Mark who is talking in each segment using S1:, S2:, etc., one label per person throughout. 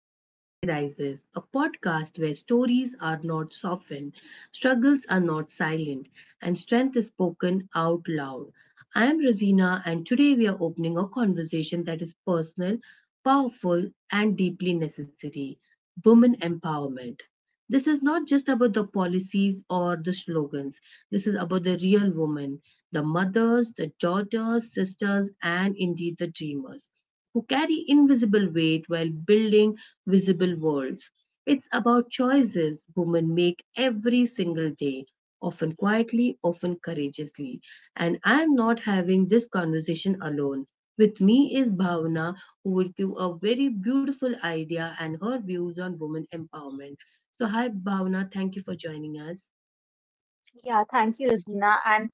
S1: to She Rises, a podcast where stories are not softened, struggles are not silent, and strength is spoken out loud. I am Rosina, and today we are opening a conversation that is personal, powerful, and deeply necessary women empowerment. This is not just about the policies or the slogans, this is about the real women, the mothers, the daughters, sisters, and indeed the dreamers who carry invisible weight while building visible worlds. It's about choices women make every single day, often quietly, often courageously. And I'm not having this conversation alone. With me is Bhavana, who will give a very beautiful idea and her views on women empowerment. So, hi Bhavana, thank you for joining us.
S2: Yeah, thank you, Razina, and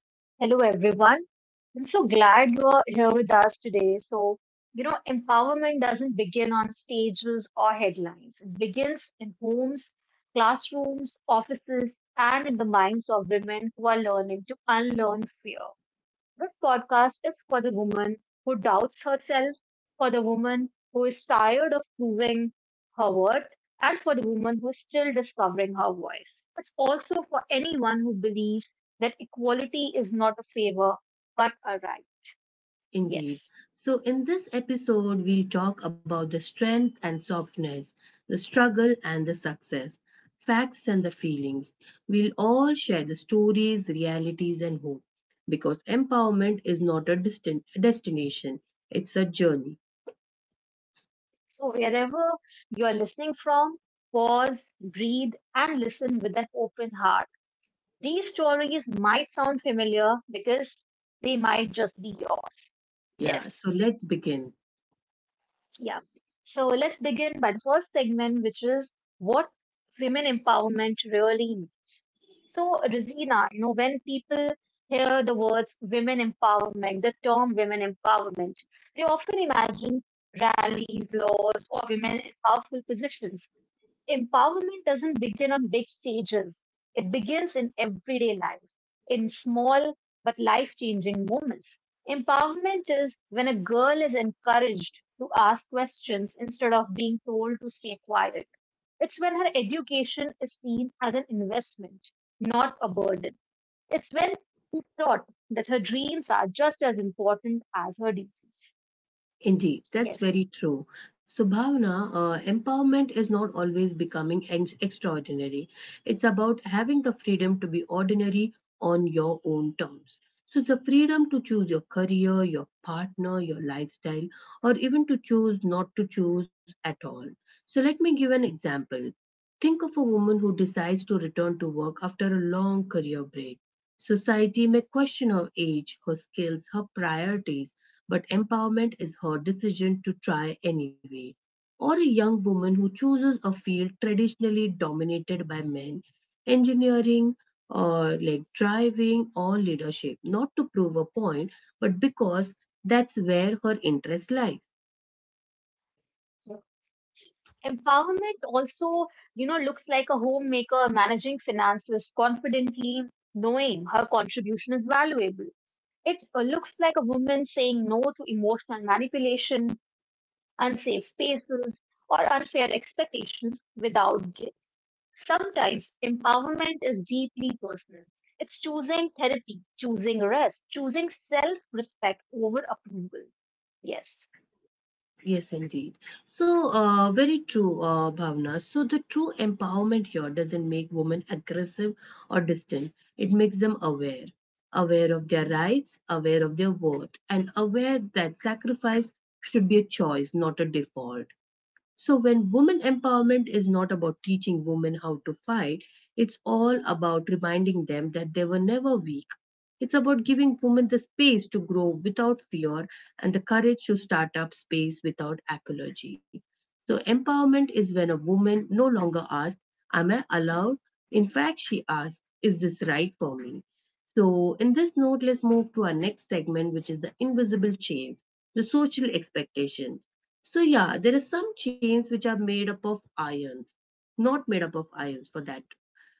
S2: hello, everyone. I'm so glad you are here with us today. So, empowerment doesn't begin on stages or headlines. It begins in homes, classrooms, offices, and in the minds of women who are learning to unlearn fear. This podcast is for the woman who doubts herself, for the woman who is tired of proving her worth, and for the woman who is still discovering her voice. It's also for anyone who believes that equality is not a favor but a right.
S1: Indeed.
S2: Yes.
S1: So, in this episode, we'll talk about the strength and softness, the struggle and the success, facts and the feelings. We'll all share the stories, realities, and hope because empowerment is not a distant destination, it's a journey.
S2: So, wherever you are listening from, pause, breathe, and listen with an open heart. These stories might sound familiar because they might just be yours.
S1: Yeah,
S2: Yes.
S1: so let's begin.
S2: Yeah. So let's begin by the first segment, which is what women empowerment really means. So, Rosina, when people hear the words women empowerment, the term women empowerment, they often imagine rallies, laws, or women in powerful positions. Empowerment doesn't begin on big stages. It begins in everyday life, in small but life changing moments. Empowerment is when a girl is encouraged to ask questions instead of being told to stay quiet. It's when her education is seen as an investment, not a burden. It's when she's taught that her dreams are just as important as her duties.
S1: Indeed, that's
S2: Yes.
S1: very true. So, Bhavna, empowerment is not always becoming extraordinary. It's about having the freedom to be ordinary on your own terms. So, the freedom to choose your career, your partner, your lifestyle, or even to choose not to choose at all. So, let me give an example. Think of a woman who decides to return to work after a long career break. Society may question her age, her skills, her priorities, but empowerment is her decision to try anyway. Or a young woman who chooses a field traditionally dominated by men, engineering, or like driving or leadership, not to prove a point, but because that's where her interests lie.
S2: Empowerment also, looks like a homemaker managing finances confidently, knowing her contribution is valuable. It looks like a woman saying no to emotional manipulation, unsafe spaces, or unfair expectations without guilt. Sometimes empowerment is deeply personal. It's choosing therapy, choosing rest, choosing self respect over approval. Yes.
S1: Yes, indeed. So, very true, Bhavna. So, the true empowerment here doesn't make women aggressive or distant. It makes them aware, aware of their rights, aware of their worth, and aware that sacrifice should be a choice, not a default. So, when women empowerment is not about teaching women how to fight, it's all about reminding them that they were never weak. It's about giving women the space to grow without fear and the courage to start up space without apology. So, empowerment is when a woman no longer asks, Am I allowed? In fact, she asks, Is this right for me? So, in this note, let's move to our next segment, which is the invisible chains, the social expectations. So yeah, there are some chains which are made up of ions, not made up of ions for that,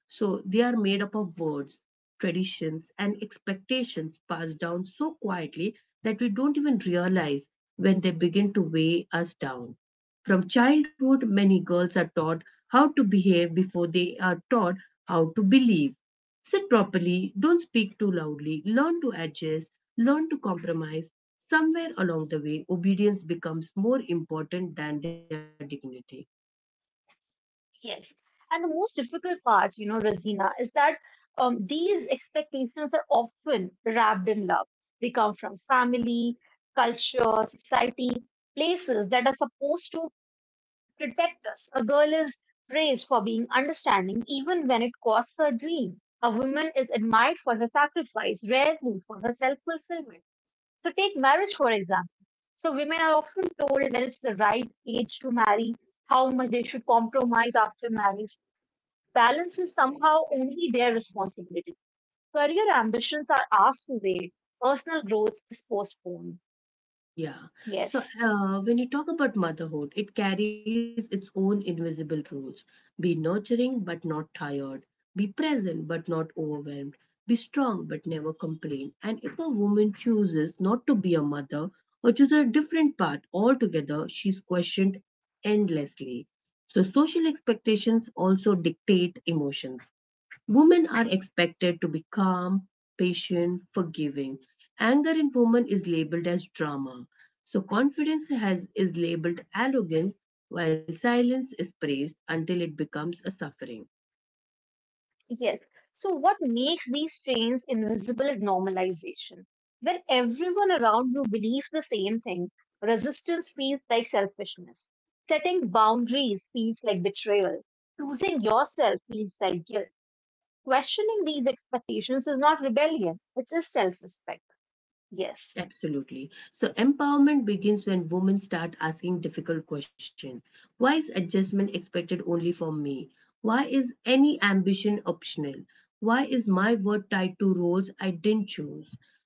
S1: so they are made up of words, traditions, and expectations passed down so quietly that we don't even realize when they begin to weigh us down. From childhood, many girls are taught how to behave before they are taught how to believe. Sit properly, don't speak too loudly, learn to adjust, learn to compromise. Somewhere along the way, obedience becomes more important than their dignity.
S2: Yes. And the most difficult part, Rosina, is that these expectations are often wrapped in love. They come from family, culture, society, places that are supposed to protect us. A girl is praised for being understanding even when it costs her dream. A woman is admired for her sacrifice, rarely for her self fulfillment. So take marriage, for example. So women are often told that it's the right age to marry, how much they should compromise after marriage. Balance is somehow only their responsibility. Career ambitions are asked to wait, personal growth is postponed.
S1: Yeah. So
S2: Yes,
S1: when you talk about motherhood, it carries its own invisible rules. Be nurturing but not tired. Be present but not overwhelmed. Be strong but never complain. And if a woman chooses not to be a mother or chooses a different path altogether, she's questioned endlessly. So social expectations also dictate emotions. Women are expected to be calm, patient, forgiving. Anger in women is labeled as drama. So confidence has is labeled arrogance while silence is praised until it becomes a suffering.
S2: yes. So, what makes these chains invisible is normalization. When everyone around you believes the same thing, resistance feels like selfishness. Setting boundaries feels like betrayal. Choosing yourself feels like guilt. Questioning these expectations is not rebellion, it is self respect. Yes.
S1: Absolutely. So empowerment begins when women start asking difficult questions. Why is adjustment expected only from me? Why is any ambition optional? Why is my word tied to roles I didn't choose?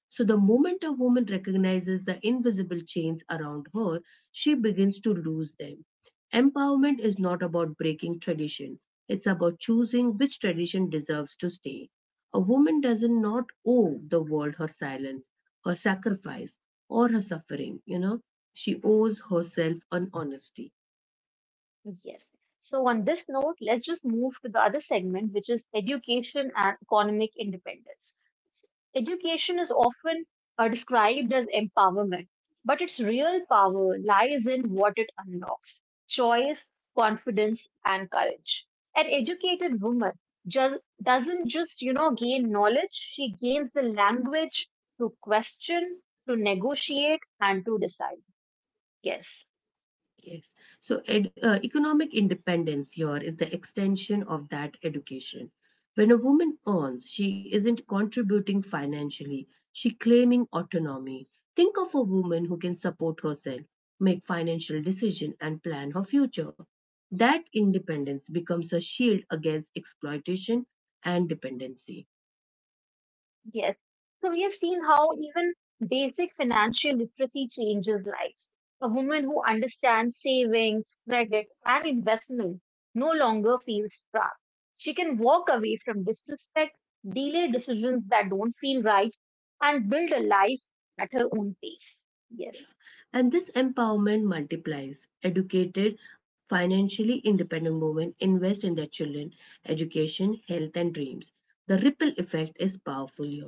S1: So the moment a woman recognizes the invisible chains around her, she begins to lose them. Empowerment is not about breaking tradition. It's about choosing which tradition deserves to stay. A woman does not owe the world her silence, her sacrifice, or her suffering, you know, she owes herself an honesty.
S2: Yes. So, on this note, let's just move to the other segment, which is education and economic independence. So education is often described as empowerment, but its real power lies in what it unlocks choice, confidence, and courage. An educated woman just doesn't just, you know, gain knowledge, she gains the language to question, to negotiate, and to decide. Yes.
S1: Yes, so economic independence here is the extension of that education. When a woman earns, she isn't contributing financially, she claiming autonomy. Think of a woman who can support herself, make financial decision, and plan her future. That independence becomes a shield against exploitation and dependency.
S2: Yes. So we have seen how even basic financial literacy changes lives. A woman who understands savings, credit, and investment no longer feels trapped. She can walk away from disrespect, delay decisions that don't feel right, and build a life at her own pace. Yes.
S1: And this empowerment multiplies. Educated, financially independent women invest in their children, education, health, and dreams. The ripple effect is powerful here.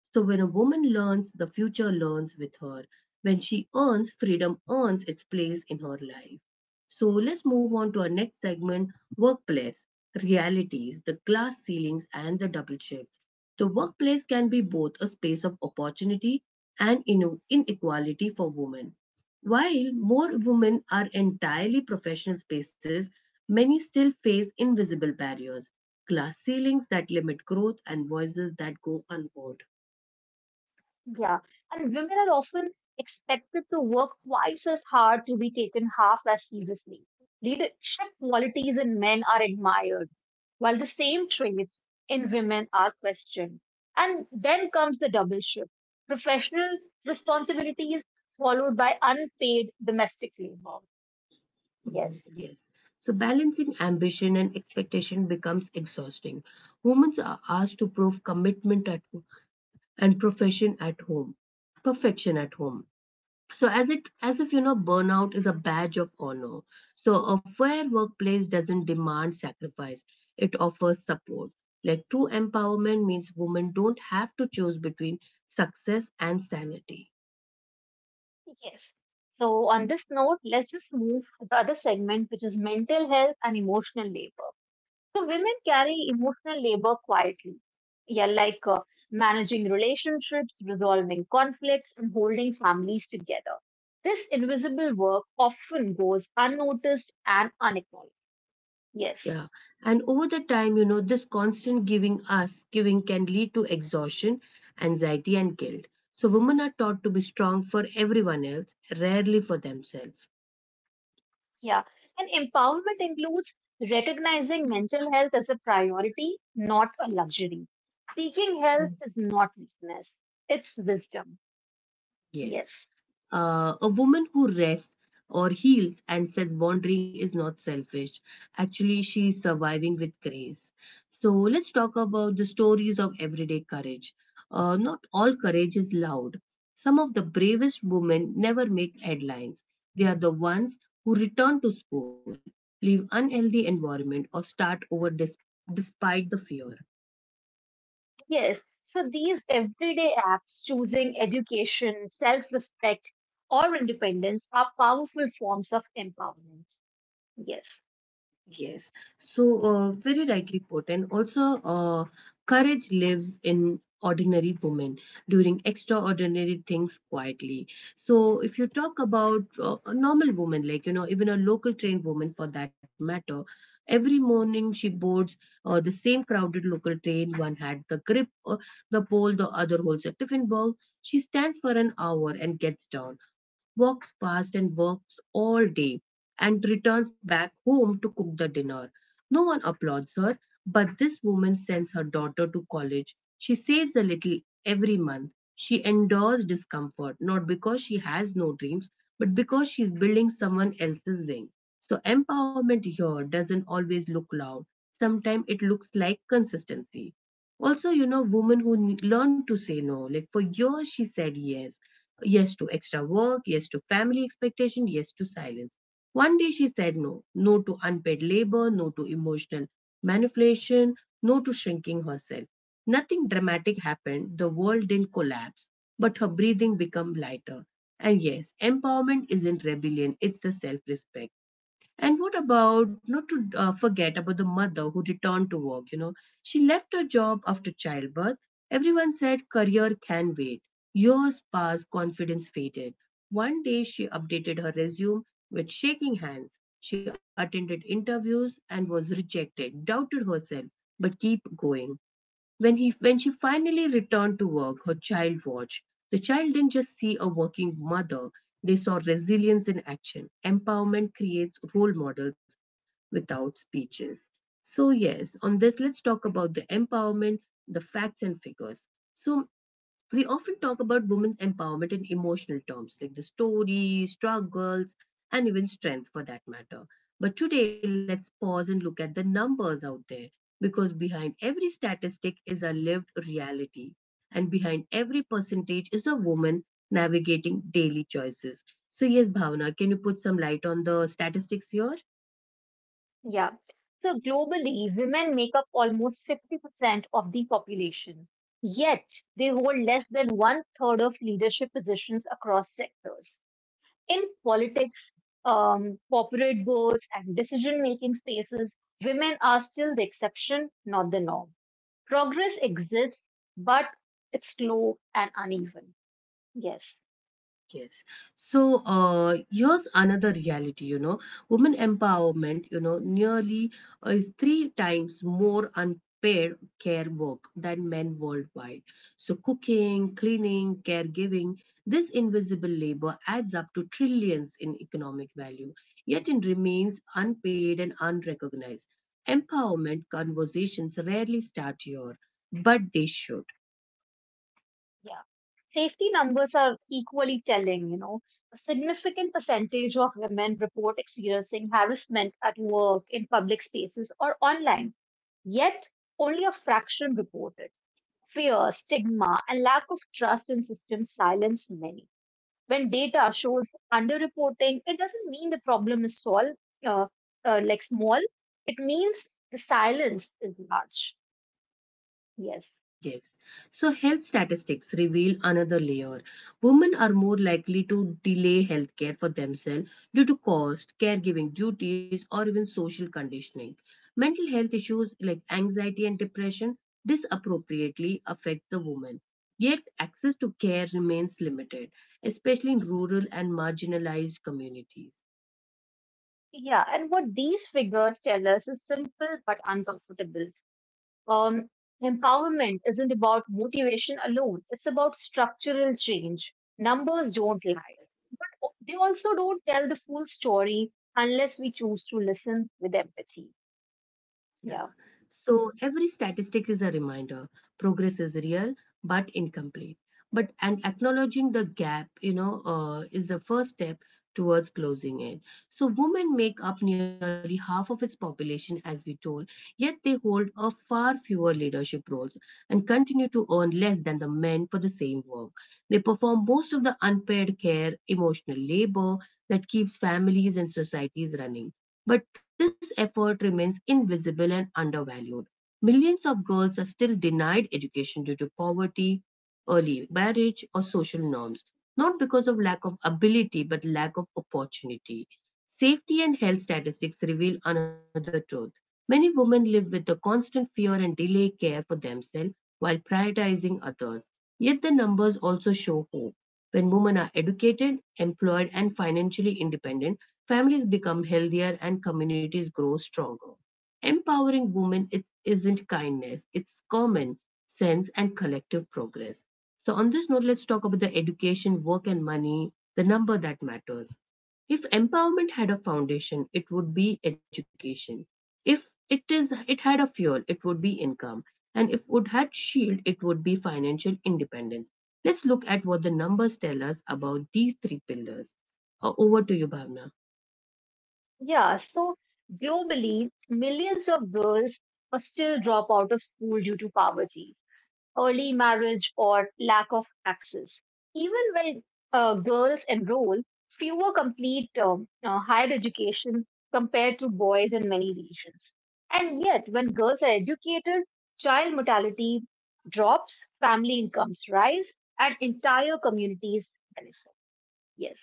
S1: So, when a woman learns, the future learns with her. When she earns, freedom earns its place in her life. So, let's move on to our next segment, workplace realities, the glass ceilings, and the double shifts. The workplace can be both a space of opportunity and inequality for women. While more women are entirely professional spaces, many still face invisible barriers, glass ceilings that limit growth, and voices that go unheard.
S2: Yeah, and women are often expected to work twice as hard to be taken half as seriously. Leadership qualities in men are admired, while the same traits in women are questioned. And then comes the double shift professional responsibilities followed by unpaid domestic labor.
S1: Mhm.
S2: Yes,
S1: Yes. So, balancing ambition and expectation becomes exhausting. Women are asked to prove commitment at and profession at home, perfection at home, so as it, as if, you know, burnout is a badge of honor. So a fair workplace doesn't demand sacrifice, it offers support. Like true empowerment means women don't have to choose between success and sanity.
S2: yes. So, on this note, let's just move to the other segment, which is mental health and emotional labor. So women carry emotional labor quietly. Yeah, like managing relationships, resolving conflicts, and holding families together. This invisible work often goes unnoticed and unacknowledged. Yes,
S1: Yeah, and over the time, you know, this constant giving can lead to exhaustion, anxiety, and guilt. So women are taught to be strong for everyone else, rarely for themselves.
S2: yeah. And empowerment includes recognizing mental health as a priority, not a luxury. Seeking help
S1: Mm.
S2: is not weakness, it's wisdom.
S1: Yes,
S2: Yes.
S1: a woman who rests or heals and sets boundary is not selfish, actually she is surviving with grace. So let's talk about the stories of everyday courage. Not all courage is loud. Some of the bravest women never make headlines. They are the ones who return to school, leave unhealthy environment, or start over despite the fear.
S2: Yes. So these everyday apps choosing education, self respect, or independence are powerful forms of empowerment. Yes.
S1: Yes, so very rightly put, and also courage lives in ordinary women during extraordinary things quietly. So, if you talk about a normal woman, like you know, even a local train woman for that matter, every morning she boards the same crowded local train. One had the grip, the pole, the other holds a tiffin box. She stands for an hour and gets down, walks past, and works all day and returns back home to cook the dinner. No one applauds her, but this woman sends her daughter to college. She saves a little every month. She endures discomfort, not because she has no dreams, but because she's building someone else's wing. So, empowerment here doesn't always look loud. Sometimes it looks like consistency. Also, you know, women who learn to say no, like for years she said yes, yes to extra work, yes to family expectation, yes to silence. One day she said no, no to unpaid labor, no to emotional manipulation, no to shrinking herself. Nothing dramatic happened, the world didn't collapse, but her breathing became lighter. And yes, empowerment isn't rebellion, it's the self respect. And what about, not to forget about the mother who returned to work, you know, she left her job after childbirth. Everyone said career can wait. Years passed, confidence faded. One day she updated her resume with shaking hands. She attended interviews and was rejected, doubted herself, but keep going. When she finally returned to work, her child watched. The child didn't just see a working mother, they saw resilience in action. Empowerment creates role models without speeches. So, yes, on this, let's talk about the empowerment, the facts and figures. So, we often talk about women's empowerment in emotional terms, like the story, struggles, and even strength for that matter. But today, let's pause and look at the numbers out there because behind every statistic is a lived reality, and behind every percentage is a woman navigating daily choices. So, yes, Bhavana, can you put some light on the statistics here?
S2: Yeah. So globally, women make up almost 50% of the population, yet they hold less than one third of leadership positions across sectors. In politics, corporate boards, and decision making spaces, women are still the exception, not the norm. Progress exists, but it's slow and uneven. Yes,
S1: Yes. So here's another reality, you know, women empowerment, you know, nearly is three times more unpaid care work than men worldwide. So cooking, cleaning, caregiving, this invisible labor adds up to trillions in economic value, yet it remains unpaid and unrecognized. Empowerment conversations rarely start here, but they should.
S2: yeah. Safety numbers are equally telling. A significant percentage of women report experiencing harassment at work, in public spaces, or online. Yet, only a fraction report it. Fear, stigma, and lack of trust in systems silence many. When data shows underreporting, it doesn't mean the problem is solved, uh, like small. It means the silence is large. Yes.
S1: Yes. So health statistics reveal another layer. Women are more likely to delay healthcare for themselves due to cost, caregiving duties, or even social conditioning. Mental health issues like anxiety and depression disappropriately affect the woman. Yet access to care remains limited, especially in rural and marginalized communities.
S2: Yeah. And what these figures tell us is simple but uncomfortable. Um, Empowerment isn't about motivation alone, it's about structural change. Numbers don't lie. They also don't tell the full story unless we choose to listen with empathy.
S1: Yeah.
S2: Yeah.
S1: So every statistic is a reminder. Progress is real but incomplete. But and acknowledging the gap, you know, is the first step towards closing it. So women make up nearly half of its population, as we told, yet they hold a far fewer leadership roles and continue to earn less than the men for the same work. They perform most of the unpaid care, emotional labor that keeps families and societies running but this effort remains invisible and undervalued. Millions of girls are still denied education due to poverty, early marriage, or social norms, not because of lack of ability but lack of opportunity. Safety and health statistics reveal another truth. Many women live with the constant fear and delay care for themselves while prioritizing others. Yet the numbers also show hope. When women are educated, employed, and financially independent, families become healthier and communities grow stronger. Empowering women it isn't kindness, it's common sense and collective progress. So, on this note, let's talk about the education, work, and money, the number that matters. If empowerment had a foundation, it would be education. If it had a fuel, it would be income. And if it had shield, it would be financial independence. Let's look at what the numbers tell us about these three pillars. Over to you, Bhavna.
S2: Yeah, so globally, millions of girls are still drop out of school due to poverty, early marriage, or lack of access. Even when girls enroll, fewer complete higher education compared to boys in many regions. And yet, when girls are educated, child mortality drops, family incomes rise, and entire communities benefit. Yes.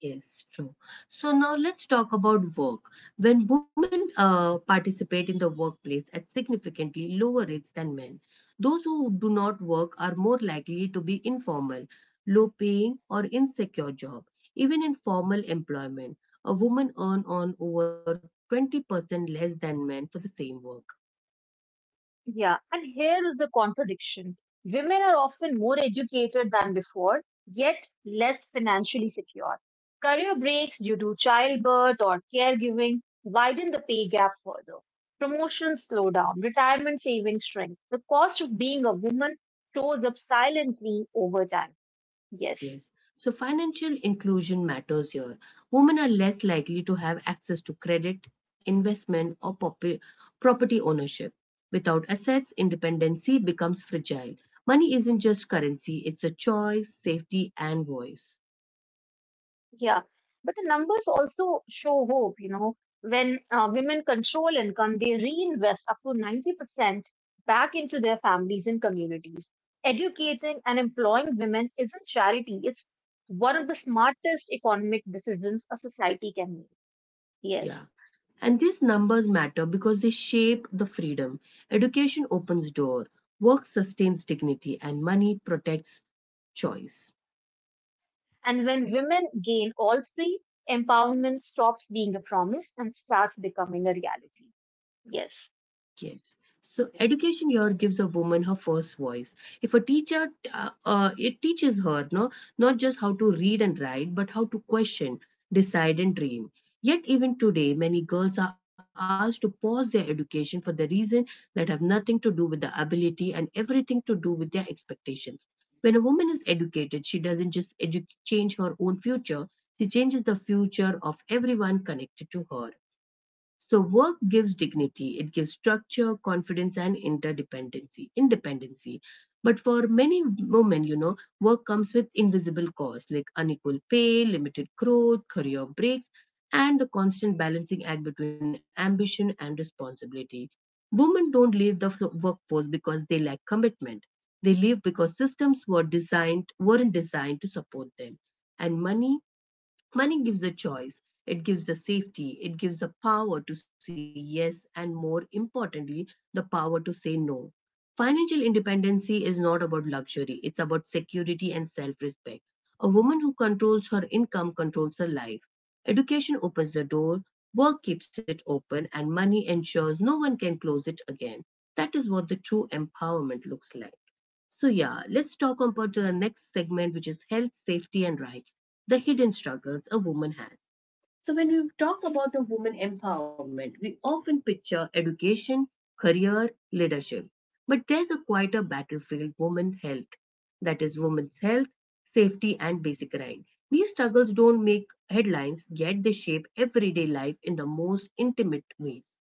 S1: Yes, true. So now let's talk about work. When women participate in the workplace at significantly lower rates than men, those who do not work are more likely to be informal, low paying, or insecure job. Even in formal employment, a woman earn on over 20% less than men for the same work.
S2: Yeah, and here is the contradiction. Women are often more educated than before, yet less financially secure. Career breaks due to childbirth or caregiving widen the pay gap further. Promotions slow down, retirement savings shrink. The cost of being a woman shows up silently over time. Yes.
S1: Yes. So financial inclusion matters here. Women are less likely to have access to credit, investment, or property ownership. Without assets, independency becomes fragile. Money isn't just currency, it's a choice, safety, and voice.
S2: Yeah, but the numbers also show hope. When women control income, they reinvest up to 90% back into their families and communities. Educating and employing women isn't charity, it's one of the smartest economic decisions a society can make. Yes.
S1: Yeah. And these numbers matter because they shape the freedom. Education opens door, work sustains dignity, and money protects choice.
S2: And when women gain all three, empowerment stops being a promise and starts becoming a reality. Yes.
S1: Yes. So
S2: Yeah,
S1: education here gives a woman her first voice. If a teacher, it teaches her no, not just how to read and write, but how to question, decide, and dream. Yet even today, many girls are asked to pause their education for the reason that have nothing to do with the ability and everything to do with their expectations. When a woman is educated, she doesn't just change her own future; she changes the future of everyone connected to her. So work gives dignity, it gives structure, confidence, and interdependency, independency. But for many women, you know, work comes with invisible costs like unequal pay, limited growth, career breaks, and the constant balancing act between ambition and responsibility. Women don't leave the workforce because they lack commitment. They leave because systems were designed weren't designed to support them. And Money gives the choice, it gives the safety, it gives the power to say yes, and more importantly, the power to say no. Financial independency is not about luxury, it's about security and self respect. A woman who controls her income controls her life. Education opens the door, work keeps it open, and money ensures no one can close it again. That is what the true empowerment looks like. So, yeah, let's talk about the next segment, which is health, safety, and rights the hidden struggles a woman has. So, when we talk about a woman empowerment, we often picture education, career, leadership. But there's a quieter battlefield women's health, safety, and basic rights. These struggles don't make headlines, yet they shape everyday life in the most intimate ways.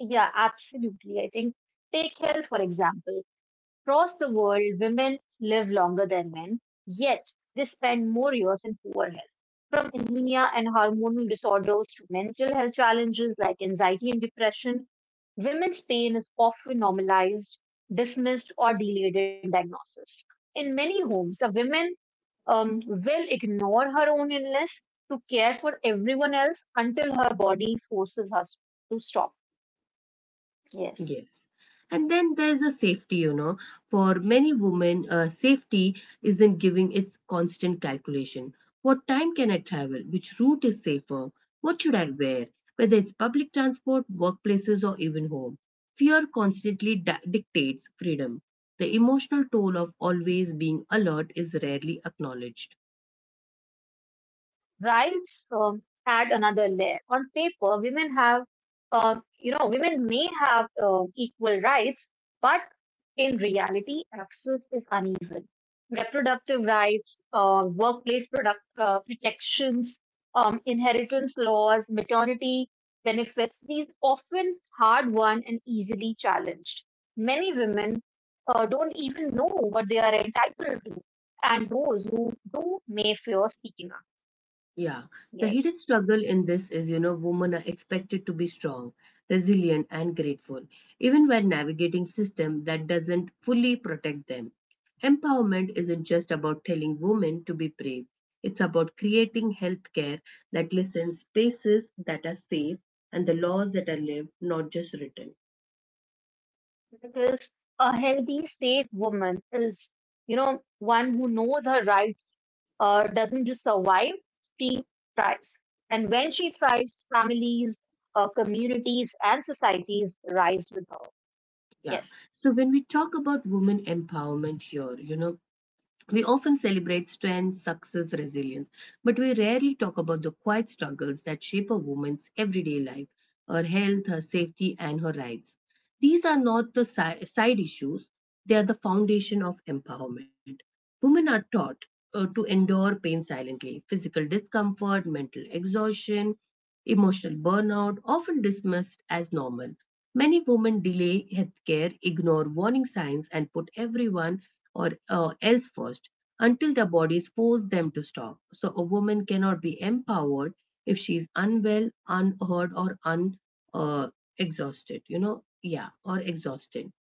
S2: yeah absolutely. I think take health, for example. Across the world, women live longer than men, yet they spend more years in poor health. From anemia and hormonal disorders to mental health challenges like anxiety and depression, women's pain is often normalized, dismissed, or delayed in diagnosis. In many homes, a woman will ignore her own illness to care for everyone else until her body forces her to stop. Yes.
S1: Yes. And then there's a safety, you know. For many women, safety isn't giving its constant calculation. What time can I travel? Which route is safer? What should I wear? Whether it's public transport, workplaces, or even home. Fear constantly dictates freedom. The emotional toll of always being alert is rarely acknowledged.
S2: Rights add another layer. On paper, women may have equal rights, but in reality, access is uneven. Reproductive rights, workplace protections, inheritance laws, maternity benefits, these often hard won and easily challenged. Many women don't even know what they are entitled to, and those who do may fear speaking up.
S1: Yeah, the
S2: Yes.
S1: hidden struggle in this is, you know, women are expected to be strong, resilient, and grateful, even while navigating system that doesn't fully protect them. Empowerment isn't just about telling women to be brave. It's about creating healthcare that listens, spaces that are safe, and the laws that are lived, not just written.
S2: Because a healthy, safe woman is, one who knows her rights, doesn't just survive, she thrives. And when she thrives, families, communities, and societies rise with her. Yes.
S1: Yeah. So when we talk about women empowerment here, you know, we often celebrate strength, success, resilience, but we rarely talk about the quiet struggles that shape a woman's everyday life, her health, her safety, and her rights. These are not the side issues, they are the foundation of empowerment. Women are taught to endure pain silently, physical discomfort, mental exhaustion, emotional burnout, often dismissed as normal. Many women delay healthcare, ignore warning signs, and put everyone or else first until the bodies force them to stop. So a woman cannot be empowered if she is unwell, unheard, or un uh, exhausted. You know, yeah, or exhausted.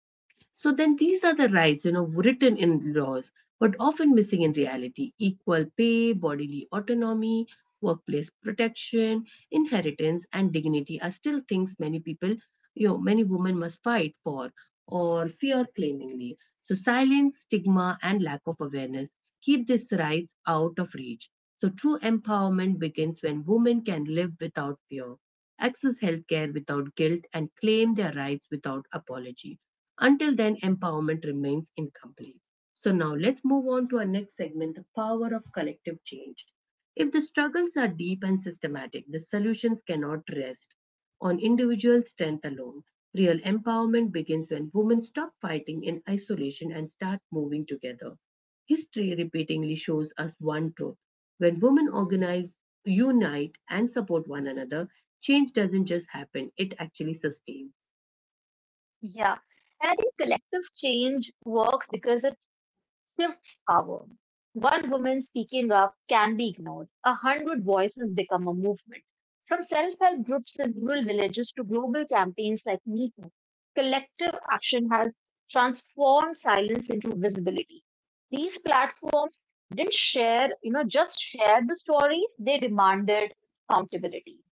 S1: So then these are the rights, you know, written in laws, but often missing in reality. Equal pay, bodily autonomy, workplace protection, inheritance, and dignity are still things many people, you know, many women must fight for or fear claimingly. So silence, stigma, and lack of awareness keep these rights out of reach. So true empowerment begins when women can live without fear, access healthcare without guilt, and claim their rights without apology. Until then, empowerment remains incomplete. So now let's move on to our next segment the power of collective change. If the struggles are deep and systematic, the solutions cannot rest on individual strength alone. Real empowerment begins when women stop fighting in isolation and start moving together. History repeatedly shows us one truth. When women organize, unite, and support one another, change doesn't just happen, it actually sustains.
S2: Yeah. And I think collective change works because it shifts power. One woman speaking up can be ignored. 100 voices become a movement. From self help groups in rural villages to global campaigns like MeToo, collective action has transformed silence into visibility. These platforms didn't just share the stories, they demanded accountability.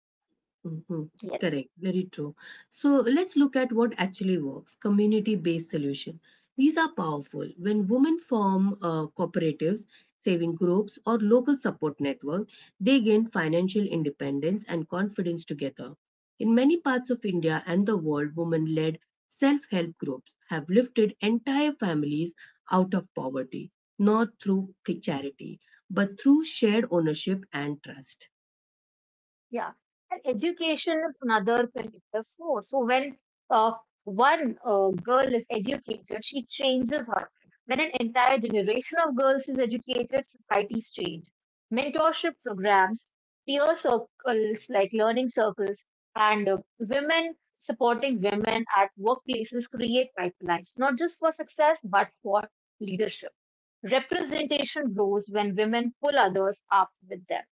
S1: Mhm.
S2: Yes.
S1: Correct, very true. So let's look at what actually works community based solution. These are powerful. When women form cooperatives, saving groups, or local support network, they gain financial independence and confidence together. In many parts of India and the world, women led self help groups have lifted entire families out of poverty, not through charity, but through shared ownership and trust.
S2: Yeah, and education is another connective force. So when uh, one girl is educated, she changes her. When an entire generation of girls is educated, societies change. Mentorship programs, peer circles like learning circles, and women supporting women at workplaces create pipelines, not just for success, but for leadership. Representation grows when women pull others up with them.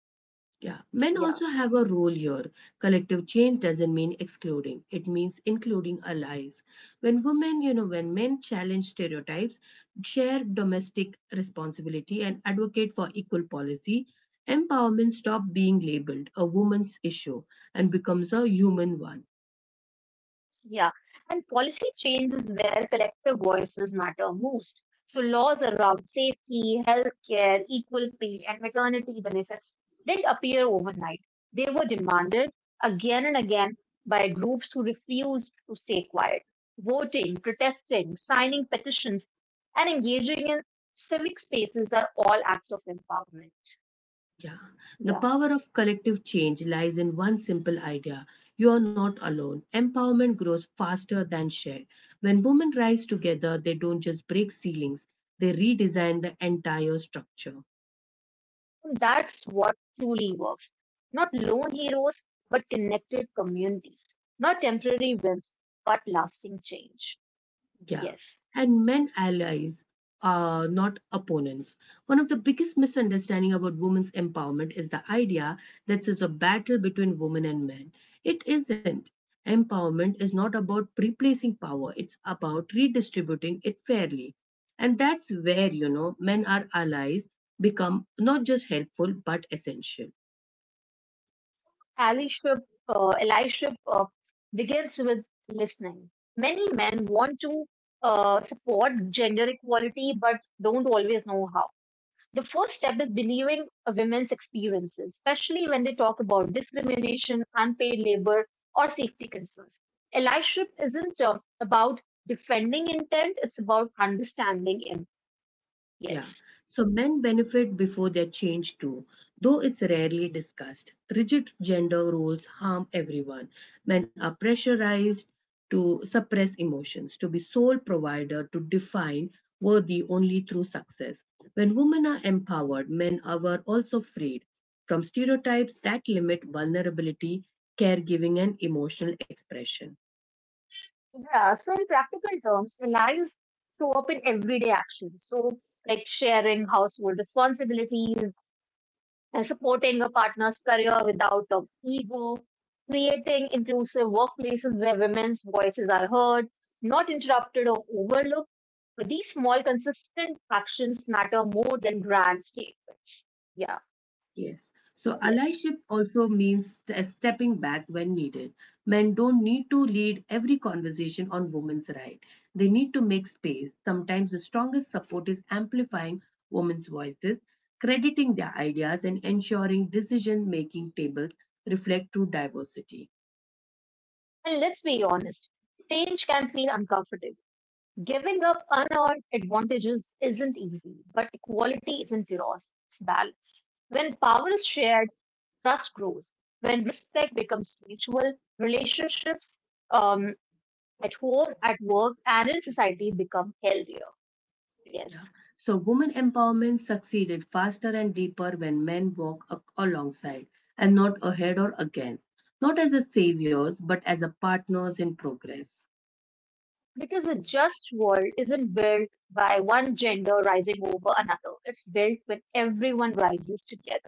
S1: Yeah, men
S2: Yeah.
S1: also have a role here. Collective change doesn't mean excluding, it means including allies. When women, you know, When men challenge stereotypes, share domestic responsibility, and advocate for equal policy, empowerment stop being labeled a woman's issue and becomes a human one.
S2: Yeah, and policy change is where collective voices matter most. So laws around safety, healthcare, equal pay, and maternity benefits didn't appear overnight. They were demanded again and again by groups who refused to stay quiet, voting, protesting, signing petitions, and engaging in civic spaces are all acts of empowerment.
S1: Yeah. The
S2: Yeah.
S1: power of collective change lies in one simple idea. You are not alone. Empowerment grows faster than share. When women rise together, they don't just break ceilings, they redesign the entire structure.
S2: That's what truly works. Not lone heroes, but connected communities. Not temporary wins, but lasting change.
S1: Yeah,
S2: Yes.
S1: and men allies are not opponents. One of the biggest misunderstanding about women's empowerment is the idea that it's a battle between women and men. It isn't. Empowerment is not about replacing power, it's about redistributing it fairly. And that's where, you know, men are allies become not just helpful but essential.
S2: Allyship, uh, allyship begins with listening. Many men want to support gender equality, but don't always know how. The first step is believing women's experiences, especially when they talk about discrimination, unpaid labor, or safety concerns. Allyship isn't about defending intent, it's about understanding
S1: Yeah,
S2: areas.
S1: so men benefit before they're changed too, though it's rarely discussed. Rigid gender roles harm everyone. Men are pressurized to suppress emotions, to be sole provider, to define worthy only through success. When women are empowered, men are also freed from stereotypes that limit vulnerability, caregiving, and emotional expression.
S2: Yeah. So in practical terms, allies show up in everyday actions. So, like sharing household responsibilities, supporting a partner's career without ego, creating inclusive workplaces where women's voices are heard, not interrupted or overlooked. But these small, consistent actions matter more than grand statements. Yeah,
S1: Yes. So
S2: yes.
S1: allyship also means stepping back when needed. Men don't need to lead every conversation on women's rights. They need to make space. Sometimes the strongest support is amplifying women's voices, crediting their ideas, and ensuring decision making tables reflect true diversity.
S2: And let's be honest, change can feel uncomfortable. Giving up unearned advantages isn't easy, but equality isn't loss, it's balance. When power is shared, trust grows. When respect becomes mutual, relationships um, at home, at work, and in society become healthier. Yes.
S1: Yeah. So women empowerment succeeded faster and deeper when men walk alongside and not ahead or against, not as the saviors, but as a partners in progress.
S2: Because a just world isn't built by one gender rising over another. It's built when everyone rises together.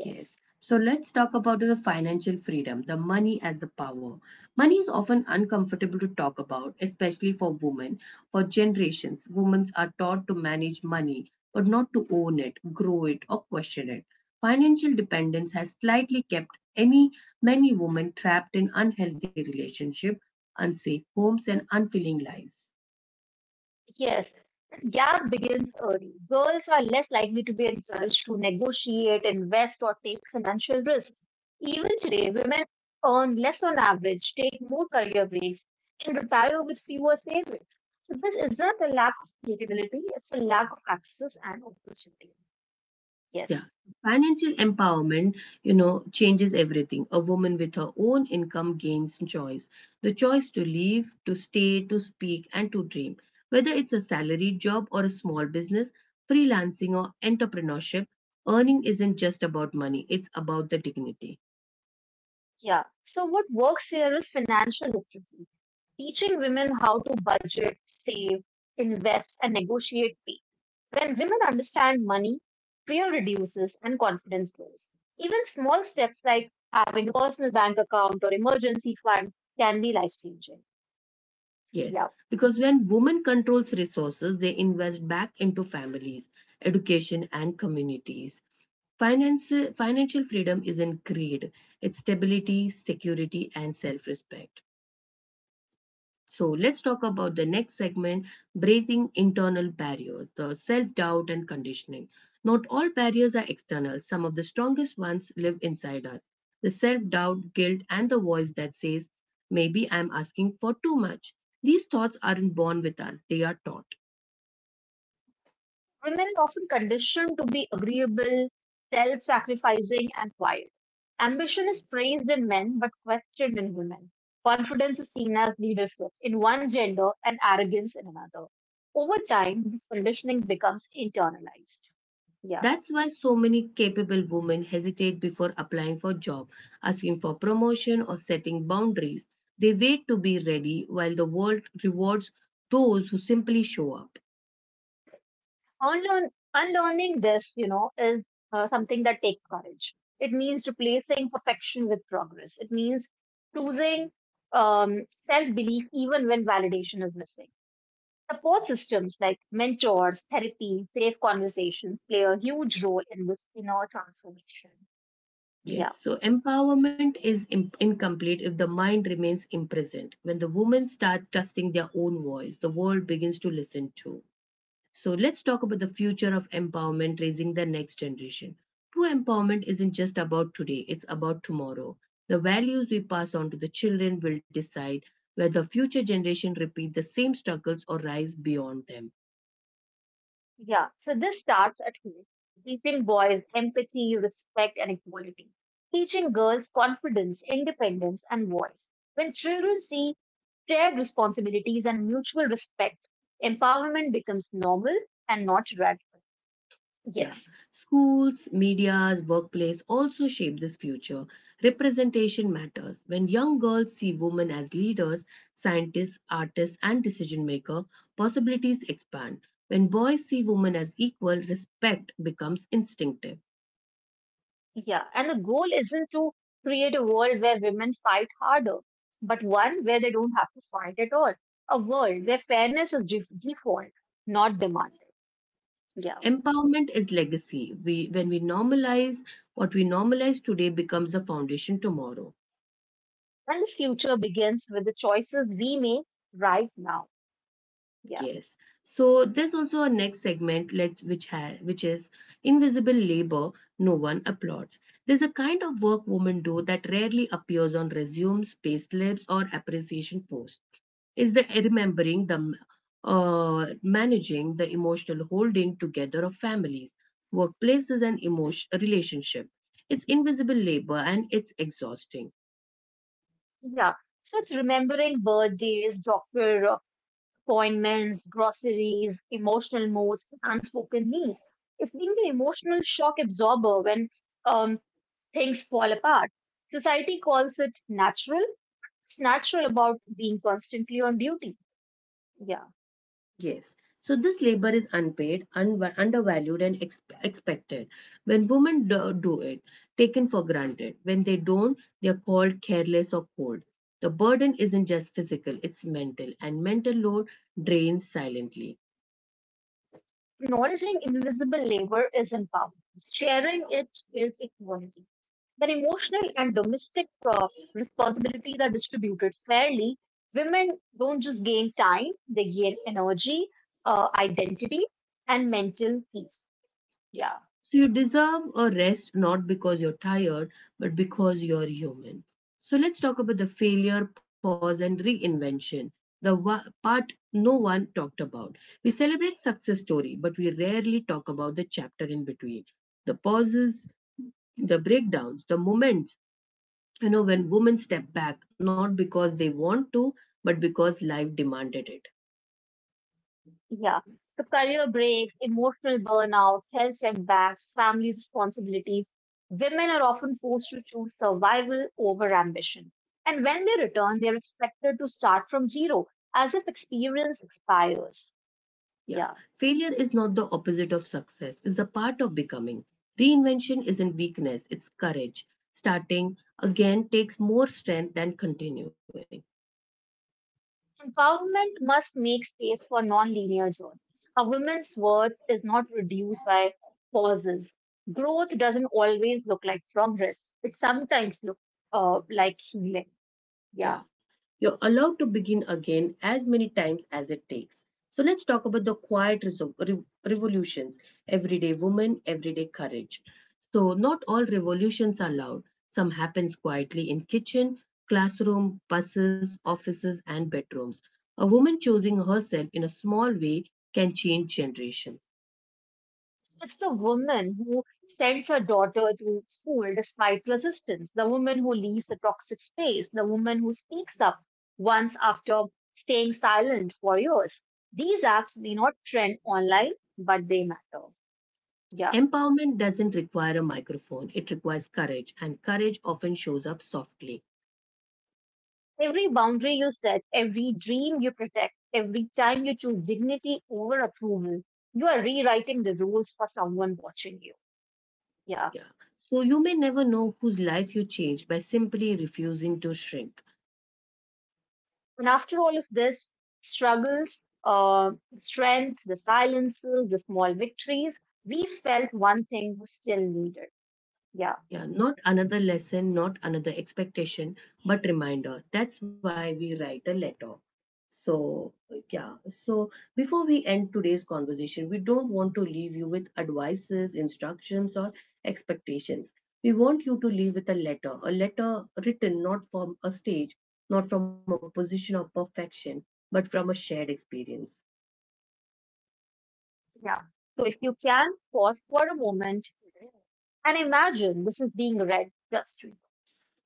S1: Yes.
S2: Yes.
S1: So let's talk about the financial freedom, the money as the power. Money is often uncomfortable to talk about, especially for women. For generations, women are taught to manage money, but not to own it, grow it, or question it. Financial dependence has slightly kept any many women trapped in unhealthy relationships, unsafe homes, and unfulfilling lives.
S2: Yes. Gap begins early. Girls are less likely to be encouraged to negotiate, invest, or take financial risks. Even today, women earn less on average, take more career breaks, and retire with fewer savings. So this isn't a lack of capability, it's a lack of access and opportunity. Yes.
S1: Yeah, financial empowerment, you know, changes everything. A woman with her own income gains choice the choice to live, to stay, to speak, and to dream. Whether it's a salaried job or a small business, freelancing or entrepreneurship, earning isn't just about money, it's about the dignity.
S2: Yeah. So what works here is financial literacy, teaching women how to budget, save, invest, and negotiate pay. When women understand money, fear reduces and confidence grows. Even small steps like having a personal bank account or emergency fund can be life changing.
S1: Yes,
S2: Yeah.
S1: because when women controls resources, they invest back into families, education, and communities. Finance, financial freedom is in greed, it's stability, security, and self respect. So, let's talk about the next segment breaking internal barriers, the self doubt and conditioning. Not all barriers are external, some of the strongest ones live inside us. The self doubt, guilt, and the voice that says, maybe I'm asking for too much. These thoughts aren't born with us, they are taught.
S2: Women are often conditioned to be agreeable, self sacrificing, and quiet. Ambition is praised in men but questioned in women. Confidence is seen as leadership in one gender and arrogance in another. Over time, this conditioning becomes internalized. Yeah.
S1: That's why so many capable women hesitate before applying for job, asking for promotion or setting boundaries. They wait to be ready while the world rewards those who simply show up.
S2: Unlearning this, you know, is something that takes courage. It means replacing perfection with progress. It means choosing self belief even when validation is missing. Support systems like mentors, therapy, safe conversations play a huge role in this inner transformation. Yeah,
S1: Yes, so empowerment is incomplete if the mind remains imprisoned. When the women start trusting their own voice, the world begins to listen too. So let's talk about the future of empowerment, raising the next generation. True empowerment isn't just about today, it's about tomorrow. The values we pass on to the children will decide whether future generations repeat the same struggles or rise beyond them.
S2: yeah. So this starts at home, teaching boys empathy, respect, and equality, teaching girls confidence, independence, and voice. When children see shared responsibilities and mutual respect, empowerment becomes normal and not radical. Yes.
S1: Yeah, schools, media's, workplace also shape this future. Representation matters. When young girls see women as leaders, scientists, artists, and decision maker, possibilities expand. When boys see women as equal, respect becomes instinctive.
S2: Yeah, and the goal isn't to create a world where women fight harder, but one where they don't have to fight at all. A world where fairness is default, not demanded. Yeah.
S1: Empowerment is legacy. When we normalize what we normalize today becomes the foundation tomorrow.
S2: And the future begins with the choices we make right now. Yeah.
S1: Yes. So there's also a next segment let which ha which is invisible labor no one applauds. There's a kind of work women do that rarely appears on resumes, payslips, or appreciation posts. Is the remembering the managing the emotional holding together of families, workplaces, and emotion relationship. It's invisible labor and it's exhausting.
S2: Yeah. So it's remembering birthdays, doctor appointments, groceries, emotional moods, unspoken needs. It's being the emotional shock absorber when um, things fall apart. Society calls it natural. It's natural about being constantly on duty. Yeah.
S1: Yes. So this labor is unpaid, undervalued, and expected. When women do it, taken for granted. When they don't, they are called careless or cold. The burden isn't just physical, it's mental, and mental load drains silently.
S2: Acknowledging invisible labor is empowerment. Sharing it is equality. When emotional and domestic responsibilities are distributed fairly, women don't just gain time, they gain energy, identity, and mental peace.
S1: Yeah.
S2: Yeah.
S1: So you deserve a rest not because you're tired, but because you're human. So let's talk about the failure, pause, and reinvention. The part no one talked about. We celebrate success story, but we rarely talk about the chapter in between. The pauses, the breakdowns, the moments, you know, when women step back, not because they want to, but because life demanded it.
S2: Yeah. So career breaks, emotional burnout, health setbacks, family responsibilities. Women are often forced to choose survival over ambition. And when they return, they're expected to start from zero as if experience expires.
S1: Yeah.
S2: Yeah.
S1: Failure is not the opposite of success, it's a part of becoming. Reinvention isn't weakness, it's courage. Starting again takes more strength than continuing.
S2: Empowerment must make space for non-linear journeys. A woman's worth is not reduced by pauses. Growth doesn't always look like progress. It sometimes looks like healing. Yeah.
S1: Yeah, you're allowed to begin again as many times as it takes. So let's talk about the quiet revolutions, everyday woman, everyday courage. So not all revolutions are loud. Some happens quietly in kitchen, classroom, buses, offices and bedrooms. A woman choosing herself in a small way can change generations.
S2: It's the woman who sends her daughter to school despite resistance, the woman who leaves a toxic space, the woman who speaks up once after staying silent for years. These acts may not trend online, but they matter. Yeah.
S1: Empowerment doesn't require a microphone. It requires courage and courage often shows up softly.
S2: Every boundary you set, every dream you protect, every time you choose dignity over approval, you are rewriting the rules for someone watching you. Yeah.
S1: Yeah. So you may never know whose life you changed by simply refusing to shrink.
S2: And after all of this struggles, the strength, the silences, the small victories, we felt one thing was still needed. Yeah,
S1: Yeah. Not another lesson, not another expectation, but reminder. That's why we write a letter. So, yeah. So before we end today's conversation, we don't want to leave you with advices, instructions, or expectations. We want you to leave with a letter written not from a stage, not from a position of perfection, but from a shared experience.
S2: yeah. So if you can pause for a moment and imagine this is being read just to you.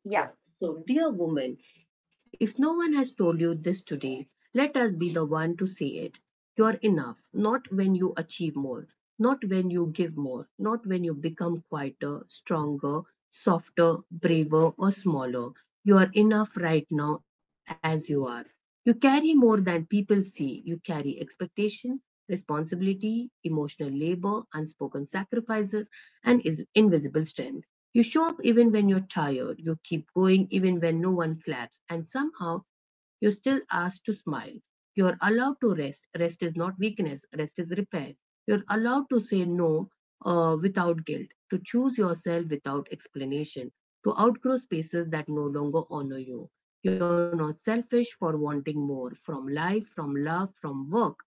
S2: Yeah.
S1: Yeah. So, dear woman, if no one has told you this today, let us be the one to say it. You are enough, not when you achieve more, not when you give more, not when you become quieter, stronger, softer, braver, or smaller. You are enough right now as you are. You carry more than people see. You carry expectation, responsibility, emotional labor, unspoken sacrifices, and is invisible strength. You show up even when you're tired, you keep going even when no one claps, and somehow you're still asked to smile. You're allowed to rest. Rest is not weakness, rest is repair. You're allowed to say no without guilt, to choose yourself without explanation, to outgrow spaces that no longer honor you. You're not selfish for wanting more from life, from love, from work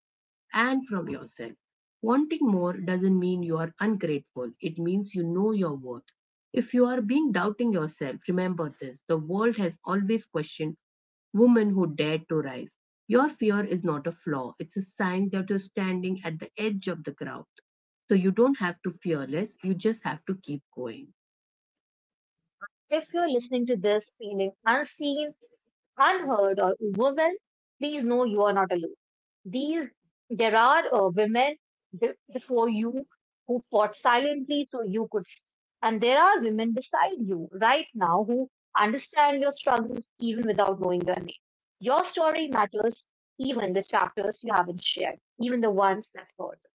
S1: and from yourself. Wanting more doesn't mean you are ungrateful, it means you know your worth. If you are being doubting yourself, remember this the world has always questioned women who dared to rise. Your fear is not a flaw, it's a sign that you're standing at the edge of the crowd. So you don't have to fear less, you just have to keep going.
S2: If you're listening to this feeling unseen, unheard or overwhelmed, please know you are not alone. These there are women before you who fought silently so you could speak. And there are women beside you right now who understand your struggles even without knowing your name. Your story matters, even the chapters you haven't shared, even the ones that hurt.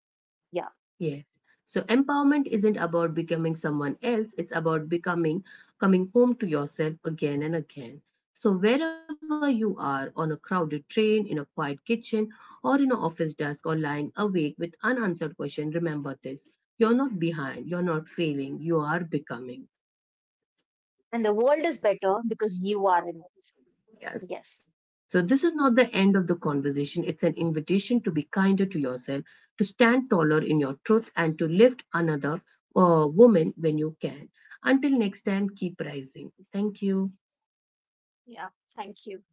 S2: Yeah,
S1: Yes. So empowerment isn't about becoming someone else, it's about becoming, coming home to yourself again and again. So wherever you are, on a crowded train, in a quiet kitchen, or in an office desk, or lying awake with unanswered questions, remember this. You're not behind, you're not failing, you are becoming.
S2: and the world is better because you are in it. Yes.
S1: Yeah, so this is not the end of the conversation. It's an invitation to be kinder to yourself, to stand taller in your truth, and to lift another woman when you can. Until next time, keep rising. Thank you.
S2: Yeah. Thank you.